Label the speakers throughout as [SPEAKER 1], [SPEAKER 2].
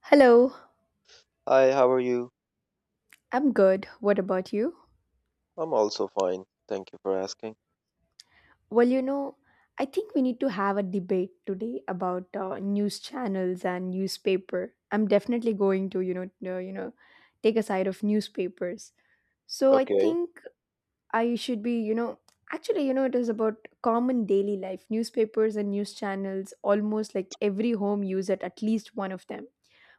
[SPEAKER 1] Hello,
[SPEAKER 2] Hi, how are you?
[SPEAKER 1] I'm good. What about you?
[SPEAKER 2] I'm also fine. Thank you for asking.
[SPEAKER 1] Well, you know, I think we need to have a debate today about news channels and newspaper. I'm definitely going to, uh, you know, take a side of newspapers. So I
[SPEAKER 2] Okay.
[SPEAKER 1] think I should be, actually, it is about common daily life. Newspapers and news channels, almost like every home uses at least one of them.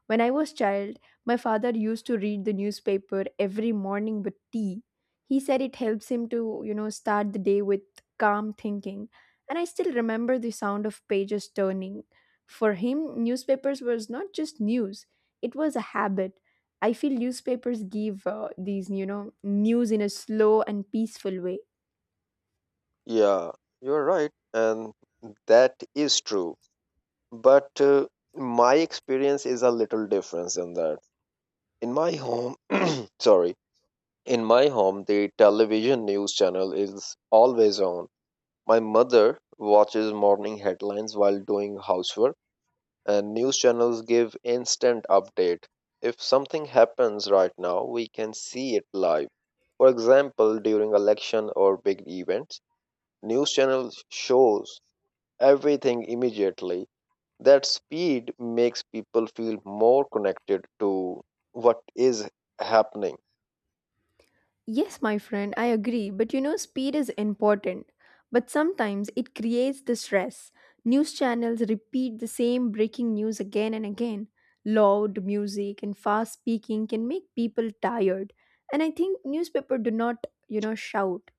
[SPEAKER 1] When I was child, my father used to read the newspaper every morning with tea. He said it helps him to, start the day with calm thinking. And I still remember the sound of pages turning. For him, newspapers was not just news, it was a habit. I feel newspapers give these, news in a slow and peaceful way.
[SPEAKER 2] Yeah, you're right. And that is true. But my experience is a little different than that. In my home, sorry, in my home, the television news channel is always on. My mother watches morning headlines while doing housework. And news channels give instant update. If something happens right now, we can see it live. For example, during election or big events, news channels shows everything immediately. That speed makes people feel more connected to what is happening.
[SPEAKER 1] Yes, my friend, I agree. But you know, speed is important. But sometimes it creates the stress. News channels repeat the same breaking news again and again. Loud music and fast speaking can make people tired. And I think newspaper do not, shout.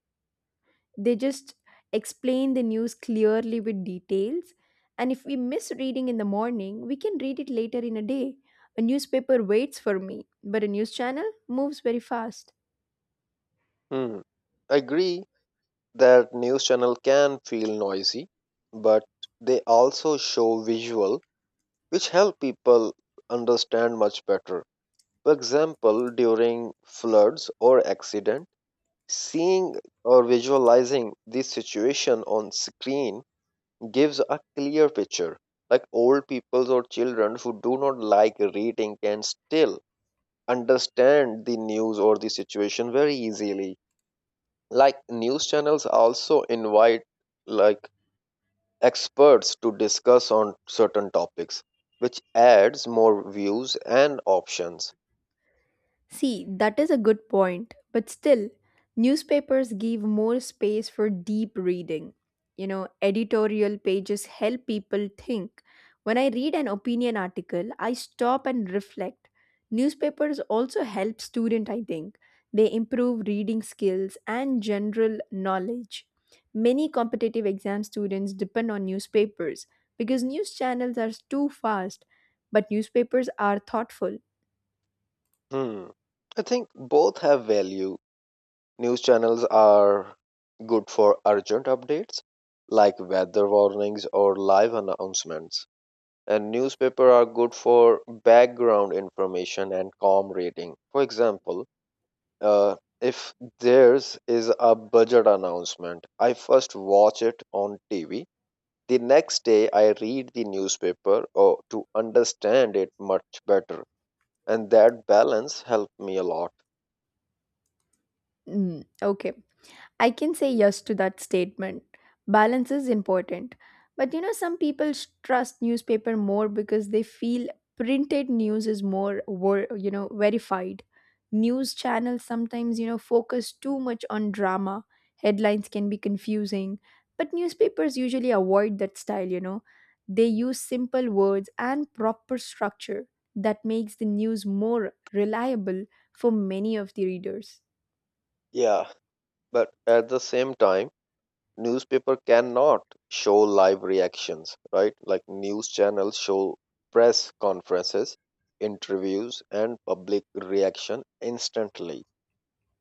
[SPEAKER 1] They just explain the news clearly with details. And if we miss reading in the morning, we can read it later in a day. A newspaper waits for me, but a news channel moves very fast.
[SPEAKER 2] Hmm. Agree that news channel can feel noisy, but they also show visual which help people understand much better. For example, during floods or accident, seeing or visualizing this situation on screen gives a clear picture. Like old people or children who do not like reading can still understand the news or the situation very easily. Like news channels also invite like experts to discuss on certain topics, which adds more views and options.
[SPEAKER 1] See, that is a good point, but still, newspapers give more space for deep reading. You know, editorial pages help people think. When I read an opinion article, I stop and reflect. Newspapers also help students, I think. They improve reading skills and general knowledge. Many competitive exam students depend on newspapers because news channels are too fast, but newspapers are thoughtful.
[SPEAKER 2] Hmm. I think both have value. News channels are good for urgent updates like weather warnings or live announcements. And newspaper are good for background information and calm reading. For example, uh, if theirs is a budget announcement, I first watch it on TV. The next day, I read the newspaper or to understand it much better. And that balance helped me a lot.
[SPEAKER 1] Mm, okay. I can say yes to that statement. Balance is important. But you know, some people trust newspaper more because they feel printed news is more, you know, verified. News channels sometimes, focus too much on drama. Headlines can be confusing. But newspapers usually avoid that style, you know. They use simple words and proper structure that makes the news more reliable for many of the readers.
[SPEAKER 2] Yeah, but at the same time, newspaper cannot show live reactions, right? Like news channels show press conferences, interviews, and public reaction instantly.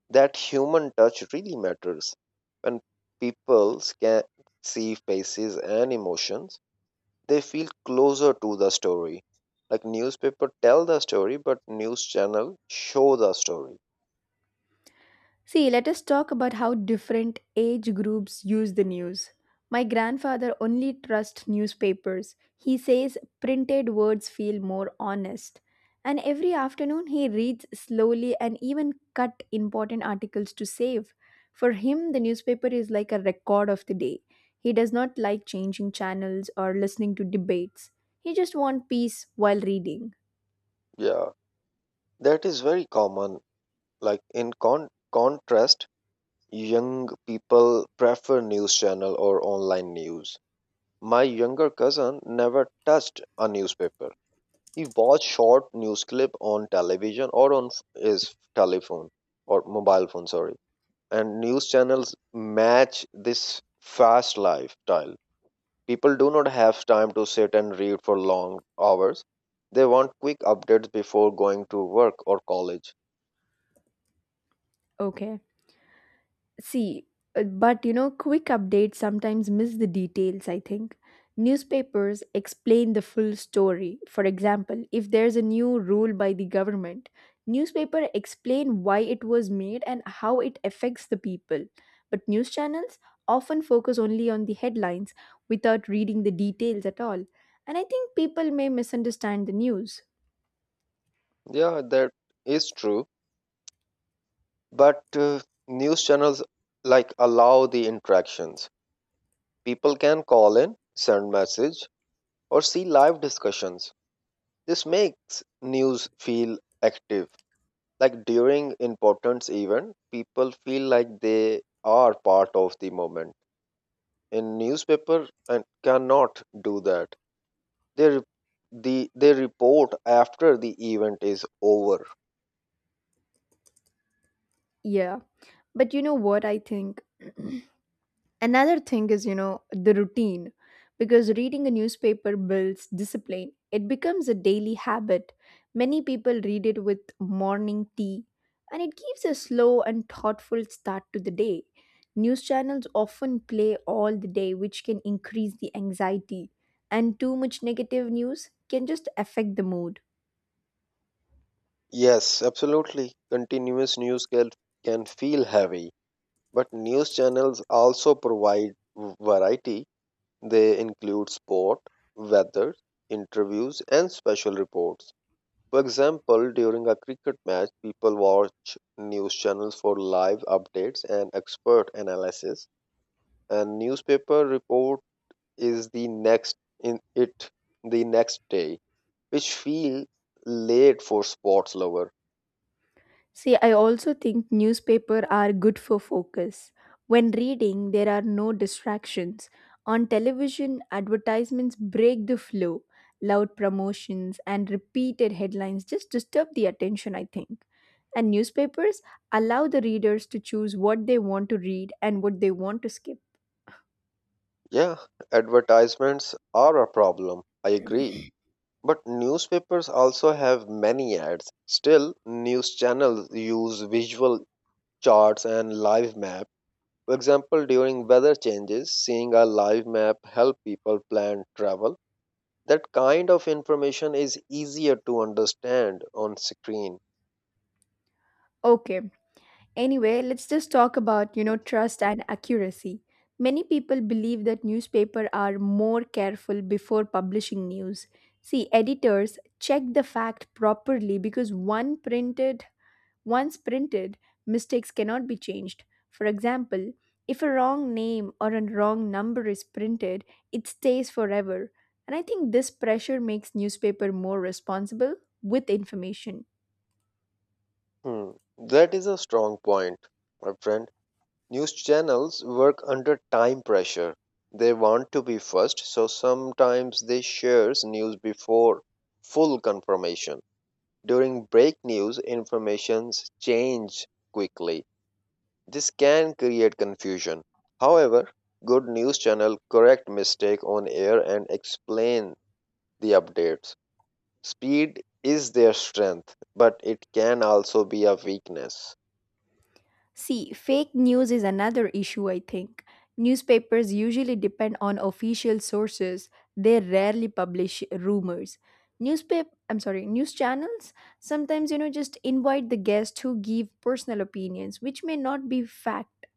[SPEAKER 2] That human touch really matters. When people can see faces and emotions, they feel closer to the story. Like newspaper tell the story, but news channel show the story.
[SPEAKER 1] See, let us talk about how different age groups use the news. My grandfather only trusts newspapers. He says printed words feel more honest. And every afternoon he reads slowly and even cut important articles to save. For him, the newspaper is like a record of the day. He does not like changing channels or listening to debates. He just wants peace while reading.
[SPEAKER 2] Yeah, that is very common. Like contrast, young people prefer news channel or online news. My younger cousin never touched a newspaper. He watched short news clip on television or on his telephone or mobile phone, sorry. And news channels match this fast lifestyle. People do not have time to sit and read for long hours. They want quick updates before going to work or college.
[SPEAKER 1] Okay. See, but you know, quick updates sometimes miss the details, I think. Newspapers explain the full story. For example, if there's a new rule by the government, newspaper explain why it was made and how it affects the people. But news channels often focus only on the headlines without reading the details at all. And I think people may misunderstand the news.
[SPEAKER 2] Yeah, that is true. But news channels allow the interactions. People can call in, send message, or see live discussions. This makes news feel active. Like during important event, people feel like they are part of the moment. In newspaper, and cannot do that. They re- they report after the event is over.
[SPEAKER 1] Yeah. But you know what I think? Another thing is, the routine, because reading a newspaper builds discipline. It becomes a daily habit. Many people read it with morning tea, and it gives a slow and thoughtful start to the day. News channels often play all the day, which can increase the anxiety, and too much negative news can just affect the mood.
[SPEAKER 2] Yes, absolutely. Continuous news can feel heavy. But news channels also provide variety. They include sport, weather, interviews, and special reports. For example, during a cricket match, people watch news channels for live updates and expert analysis. And newspaper report is the next in it the next day, which feel late for sports lover.
[SPEAKER 1] See, I also think newspaper are good for focus. When reading, there are no distractions. On television, advertisements break the flow. Loud promotions and repeated headlines just disturb the attention, I think. And newspapers allow the readers to choose what they want to read and what they want to skip.
[SPEAKER 2] Yeah, advertisements are a problem. I agree. But newspapers also have many ads. Still, news channels use visual charts and live map. For example, during weather changes, seeing a live map help people plan travel. That kind of information is easier to understand on screen.
[SPEAKER 1] Okay, anyway, let's just talk about, trust and accuracy. Many people believe that newspapers are more careful before publishing news. See, editors check the fact properly because one printed once printed, mistakes cannot be changed. For example, if a wrong name or a wrong number is printed, it stays forever. And I think this pressure makes newspaper more responsible with information.
[SPEAKER 2] Hmm. That is a strong point, my friend. News channels work under time pressure. They want to be first, so sometimes they shares news before full confirmation. During break news, informations change quickly. This can create confusion. However, good news channel correct mistake on air and explain the updates. Speed is their strength, but it can also be a weakness.
[SPEAKER 1] See, fake news is another issue, I think. Newspapers usually depend on official sources. They rarely publish rumors. News channels sometimes, just invite the guest who give personal opinions, which may not be fact.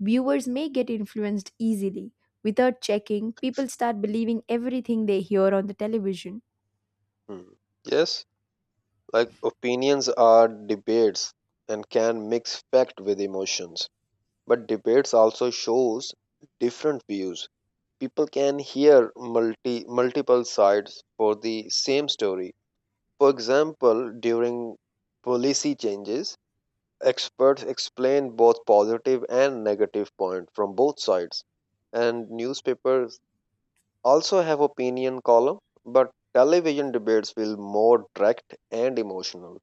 [SPEAKER 1] Viewers may get influenced easily. Without checking, people start believing everything they hear on the television.
[SPEAKER 2] Hmm. Yes, like opinions are debates and can mix fact with emotions, but debates also shows different views. People can hear multiple sides for the same story. For example, during policy changes, experts explain both positive and negative points from both sides. And newspapers also have opinion column, but television debates feel more direct and emotional.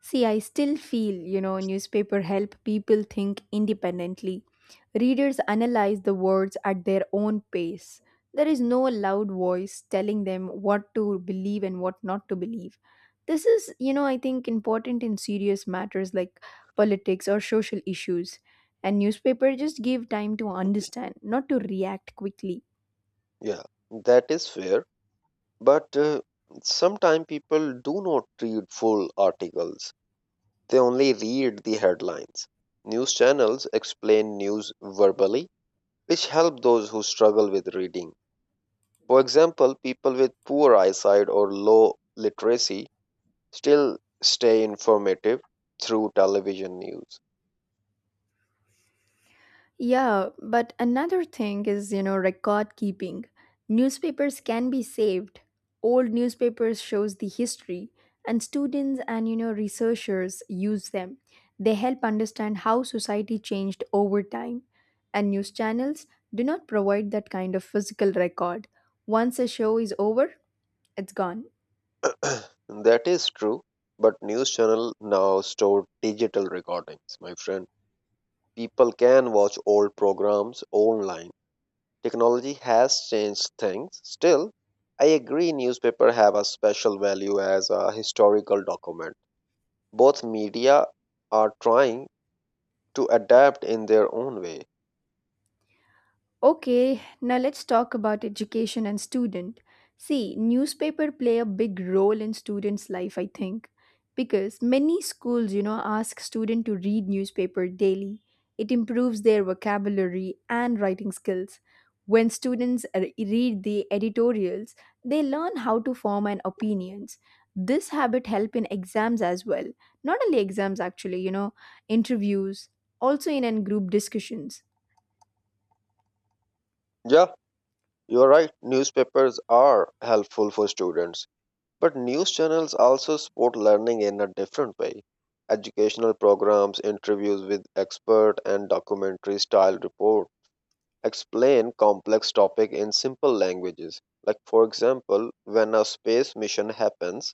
[SPEAKER 1] See, I still feel, newspaper help people think independently. Readers analyze the words at their own pace. There is no loud voice telling them what to believe and what not to believe. This is, I think important in serious matters like politics or social issues. And newspaper just give time to understand, not to react quickly.
[SPEAKER 2] Yeah, that is fair. But sometimes people do not read full articles. They only read the headlines. News channels explain news verbally, which help those who struggle with reading. For example, people with poor eyesight or low literacy still stay informative through television news.
[SPEAKER 1] Yeah, but another thing is, record keeping. Newspapers can be saved. Old newspapers shows the history and students and you know researchers use them. They help understand how society changed over time. And news channels do not provide that kind of physical record. Once a show is over, it's gone.
[SPEAKER 2] That is true, but news channels now store digital recordings, my friend. People can watch old programs online. Technology has changed things. Still, I agree newspaper have a special value as a historical document. Both media are trying to adapt in their own way.
[SPEAKER 1] Okay, now let's talk about education and student. See, newspaper play a big role in students' life, I think, because many schools, ask student to read newspaper daily. It improves their vocabulary and writing skills. When students read the editorials, they learn how to form an opinions. This habit help in exams as well. Not only exams actually, interviews, also in, group discussions.
[SPEAKER 2] Yeah, you're right. Newspapers are helpful for students, but news channels also support learning in a different way. Educational programs, interviews with expert and documentary style reports explain complex topic in simple languages. Like for example, when a space mission happens,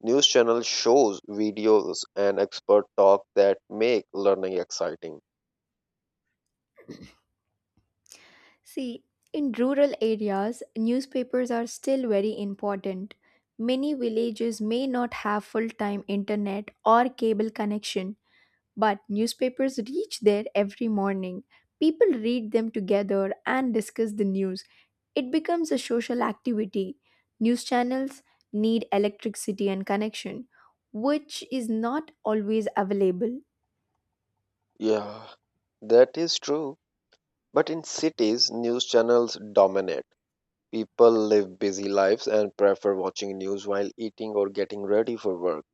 [SPEAKER 2] news channel shows videos and expert talk that make learning exciting.
[SPEAKER 1] See, in rural areas, newspapers are still very important. Many villages may not have full time internet or cable connection, but newspapers reach there every morning. People read them together and discuss the news. It becomes a social activity. News channels need electricity and connection, which is not always available.
[SPEAKER 2] Yeah, that is true. But in cities, news channels dominate. People live busy lives and prefer watching news while eating or getting ready for work.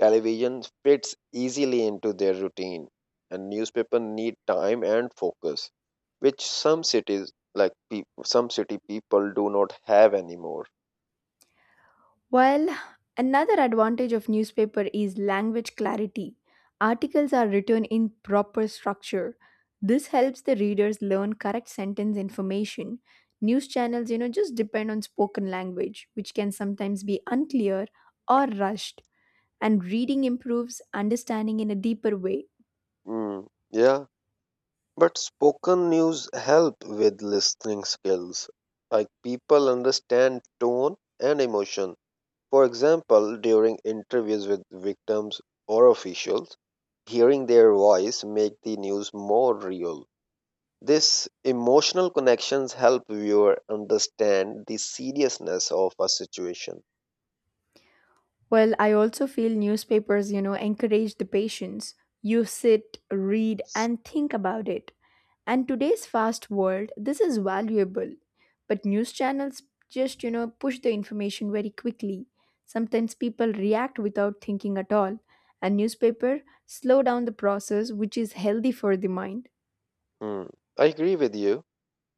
[SPEAKER 2] Television fits easily into their routine, and newspaper need time and focus, which some cities like peop some city people do not have anymore.
[SPEAKER 1] Well, another advantage of newspaper is language clarity. Articles are written in proper structure. This helps the readers learn correct sentence information. News channels, just depend on spoken language, which can sometimes be unclear or rushed, and reading improves understanding in a deeper way.
[SPEAKER 2] Mm, yeah, but spoken news help with listening skills. Like people understand tone and emotion. For example, during interviews with victims or officials, hearing their voice make the news more real. This emotional connections help viewer understand the seriousness of a situation.
[SPEAKER 1] Well, I also feel newspapers, encourage the patience. You sit, read, and think about it. And today's fast world, this is valuable. But news channels just, push the information very quickly. Sometimes people react without thinking at all. And newspaper slow down the process which is healthy for the mind.
[SPEAKER 2] Hmm, I agree with you.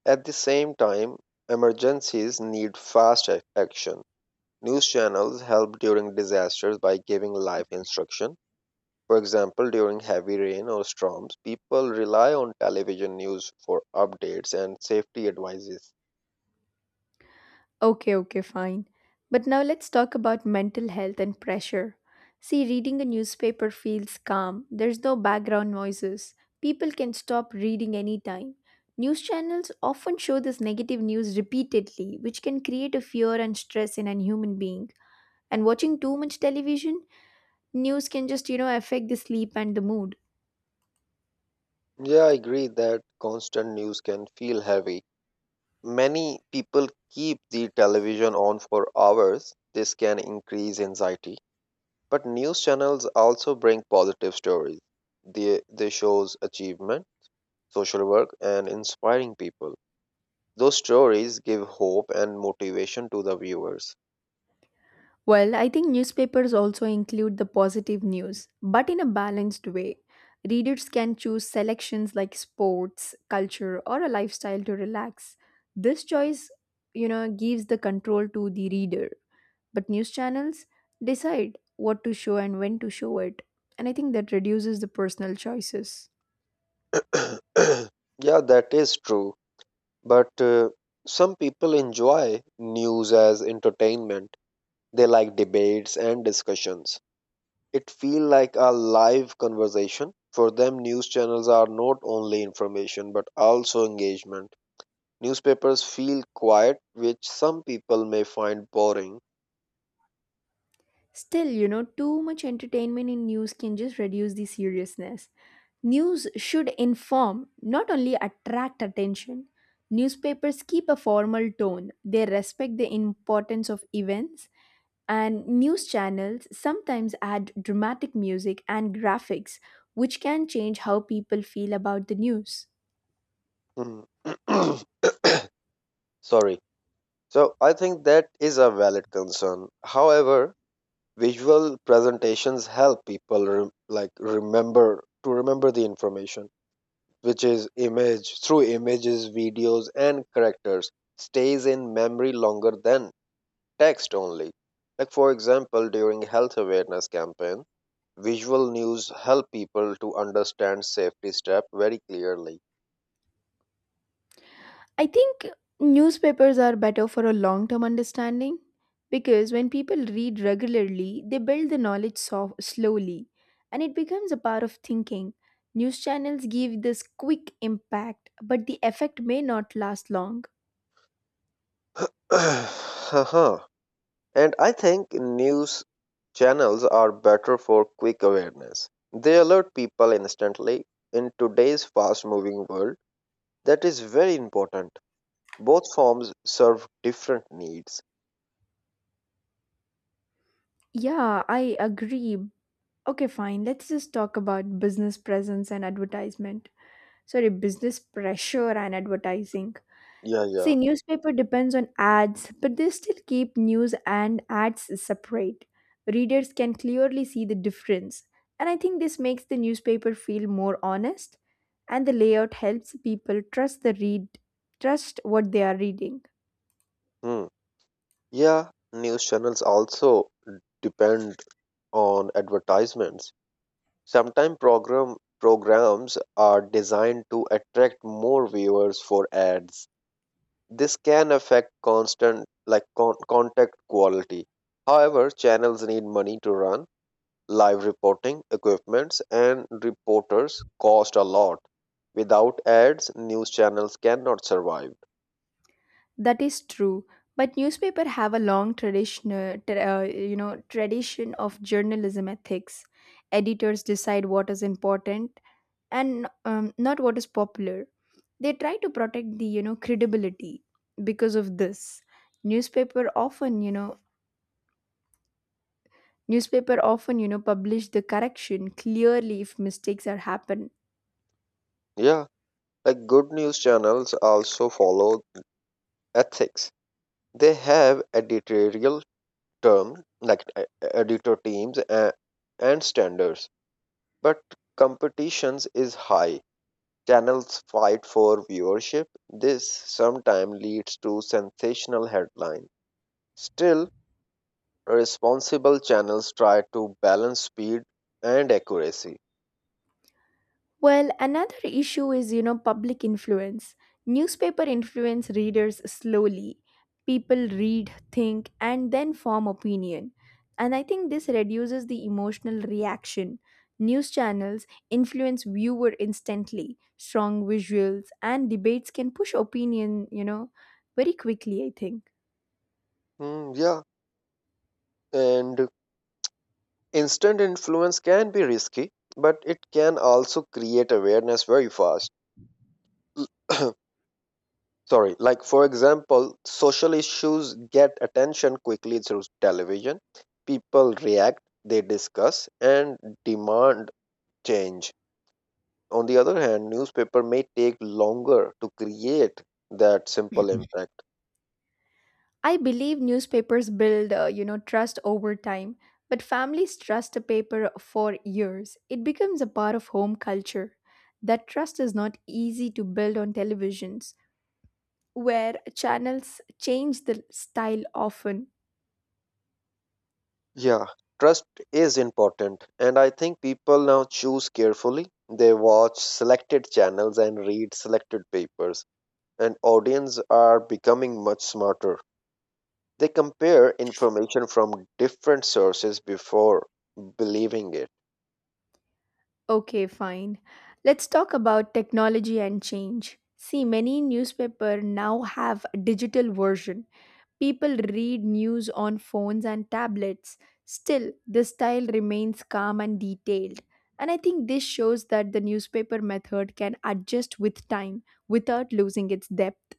[SPEAKER 2] At the same time, emergencies need action. News channels help during disasters by giving live instruction. For example, during heavy rain or storms, people rely on television news for updates and safety advices.
[SPEAKER 1] Okay, okay, fine. But now let's talk about mental health and pressure. See, reading a newspaper feels calm. There's no background noises. People can stop reading anytime. News channels often show this negative news repeatedly, which can create a fear and stress in a human being. And watching too much television, news can just, affect the sleep and the mood.
[SPEAKER 2] Yeah, I agree that constant news can feel heavy. Many people keep the television on for hours. This can increase anxiety. But news channels also bring positive stories. They shows achievement, social work, and inspiring people. Those stories give hope and motivation to the viewers.
[SPEAKER 1] Well, I think newspapers also include the positive news, but in a balanced way. Readers can choose selections like sports, culture, or a lifestyle to relax. This choice, gives the control to the reader. But news channels decide what to show and when to show it. And I think that reduces the personal choices.
[SPEAKER 2] Yeah, that is true. But some people enjoy news as entertainment. They like debates and discussions. It feel like a live conversation. For them, news channels are not only information but also engagement. Newspapers feel quiet, which some people may find boring.
[SPEAKER 1] Still, too much entertainment in news can just reduce the seriousness. News should inform, not only attract attention. Newspapers keep a formal tone, they respect the importance of events, and news channels sometimes add dramatic music and graphics, which can change how people feel about the news.
[SPEAKER 2] Hmm. Sorry. So I think that is a valid concern. However, visual presentations help people like remember remember the information, which is image through images, videos, and characters stays in memory longer than text only. Like for example, during health awareness campaign, visual news help people to understand safety step very clearly.
[SPEAKER 1] I think newspapers are better for a long term understanding because when people read regularly, they build the knowledge slowly and it becomes a part of thinking. News channels give this quick impact, but the effect may not last long.
[SPEAKER 2] Haha. And I think news channels are better for quick awareness. They alert people instantly in today's fast moving world. That is very important. Both forms serve different needs.
[SPEAKER 1] Yeah, I agree. Okay, fine. Let's just talk about business presence and advertisement. Sorry, business pressure and advertising.
[SPEAKER 2] Yeah, yeah.
[SPEAKER 1] See, newspaper depends on ads, but they still keep news and ads separate. Readers can clearly see the difference, and I think this makes the newspaper feel more honest, and the layout helps people trust what they are reading.
[SPEAKER 2] Hmm. Yeah, news channels also depend on advertisements. Sometimes programs are designed to attract more viewers for ads. This can affect constant contact quality. However, channels need money to run. Live reporting, equipments, and reporters cost a lot. Without ads, news channels cannot survive.
[SPEAKER 1] That is true, but newspaper have a long tradition, you know, tradition of journalism ethics. Editors decide what is important and not what is popular. They try to protect the you know credibility. Because of this newspaper often you know newspaper often you know publish the correction clearly if mistakes are happen.
[SPEAKER 2] Yeah, like good news channels also follow ethics. They have editorial terms like e- e, editor teams and standards, but competitions is high. Channels fight for viewership. This sometimes leads to sensational headlines. Still, responsible channels try to balance speed and accuracy.
[SPEAKER 1] Well, another issue is, public influence. Newspaper influence readers slowly. People read, think, and then form opinion. And I think this reduces the emotional reaction. News channels influence viewer instantly. Strong visuals and debates can push opinion, very quickly, I think.
[SPEAKER 2] Hmm, yeah, and instant influence can be risky, but it can also create awareness very fast. Sorry, like for example, social issues get attention quickly through television. People react, they discuss, and demand change. On the other hand, newspaper may take longer to create that simple impact.
[SPEAKER 1] I believe newspapers build, you know, trust over time, but families trust a paper for years. It becomes a part of home culture. That trust is not easy to build on televisions, where channels change the style often.
[SPEAKER 2] Yeah, trust is important and I think people now choose carefully. They watch selected channels and read selected papers and audience are becoming much smarter. They compare information from different sources before believing it.
[SPEAKER 1] Okay, fine. Let's talk about technology and change. See, many newspaper now have a digital version. People read news on phones and tablets. Still, the style remains calm and detailed. And I think this shows that the newspaper method can adjust with time without losing its depth.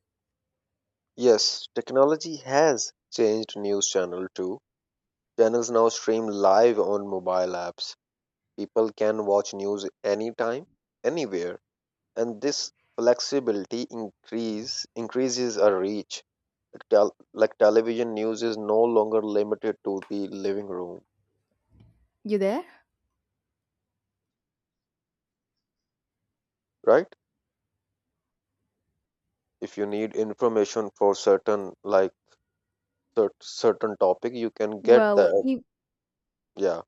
[SPEAKER 2] Yes, technology has changed news channel too. Channels now stream live on mobile apps. People can watch news anytime, anywhere, and this flexibility increases our reach. Like television news is no longer limited to the living room,
[SPEAKER 1] You there?
[SPEAKER 2] right? If you need information for certain certain topic, you can get
[SPEAKER 1] Well,
[SPEAKER 2] that. Yeah.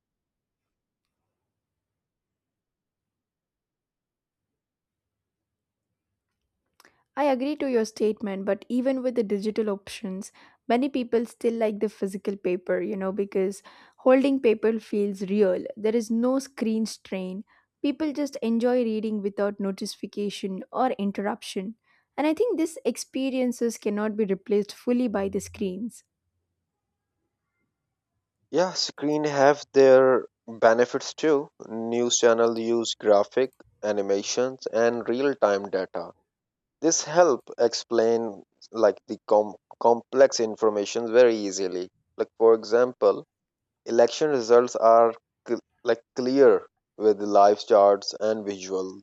[SPEAKER 1] I agree to your statement, but even with the digital options, many people still like the physical paper, because holding paper feels real. There is no screen strain. People just enjoy reading without notification or interruption. And I think these experiences cannot be replaced fully by the screens.
[SPEAKER 2] Yeah, screen have their benefits too. News channel use graphic, animations and real-time data. This help explain like the com- complex information very easily. Like for example, election results are like clear with live charts and visuals.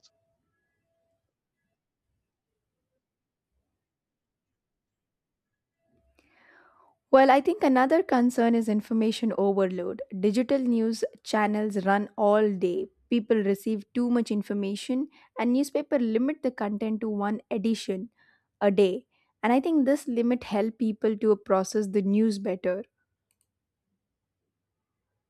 [SPEAKER 1] Well, I think another concern is information overload. Digital news channels run all day. People receive too much information and newspaper limit the content to one edition a day. And I think this limit help people to process the news better.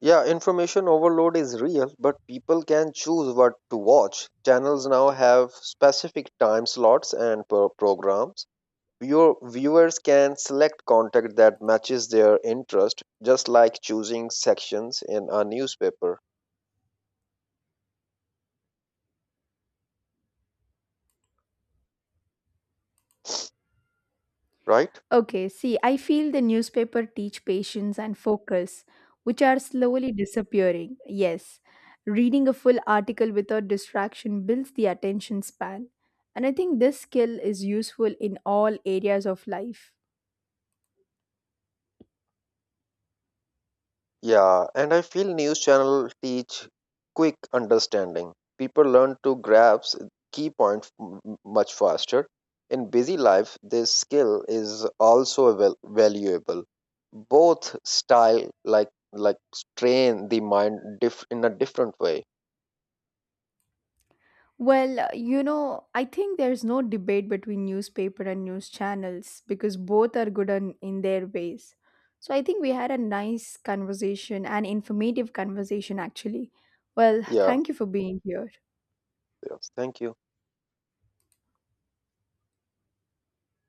[SPEAKER 2] Yeah, information overload is real, but people can choose what to watch. Channels now have specific time slots and programs. Your viewers can select content that matches their interest, just like choosing sections in a newspaper, right?
[SPEAKER 1] Okay, see, I feel the newspaper teach patience and focus, which are slowly disappearing. Yes, reading a full article without distraction builds the attention span. And I think this skill is useful in all areas of life.
[SPEAKER 2] Yeah, and I feel news channel teach quick understanding. People learn to grasp key points much faster. In busy life, this skill is also valuable. Both style like train the mind in a different way.
[SPEAKER 1] Well, you know, I think there's no debate between newspaper and news channels because both are good in their ways. So I think we had a nice conversation, an informative conversation actually. Well,
[SPEAKER 2] Yeah.
[SPEAKER 1] thank you for being here.
[SPEAKER 2] Yes. Thank you.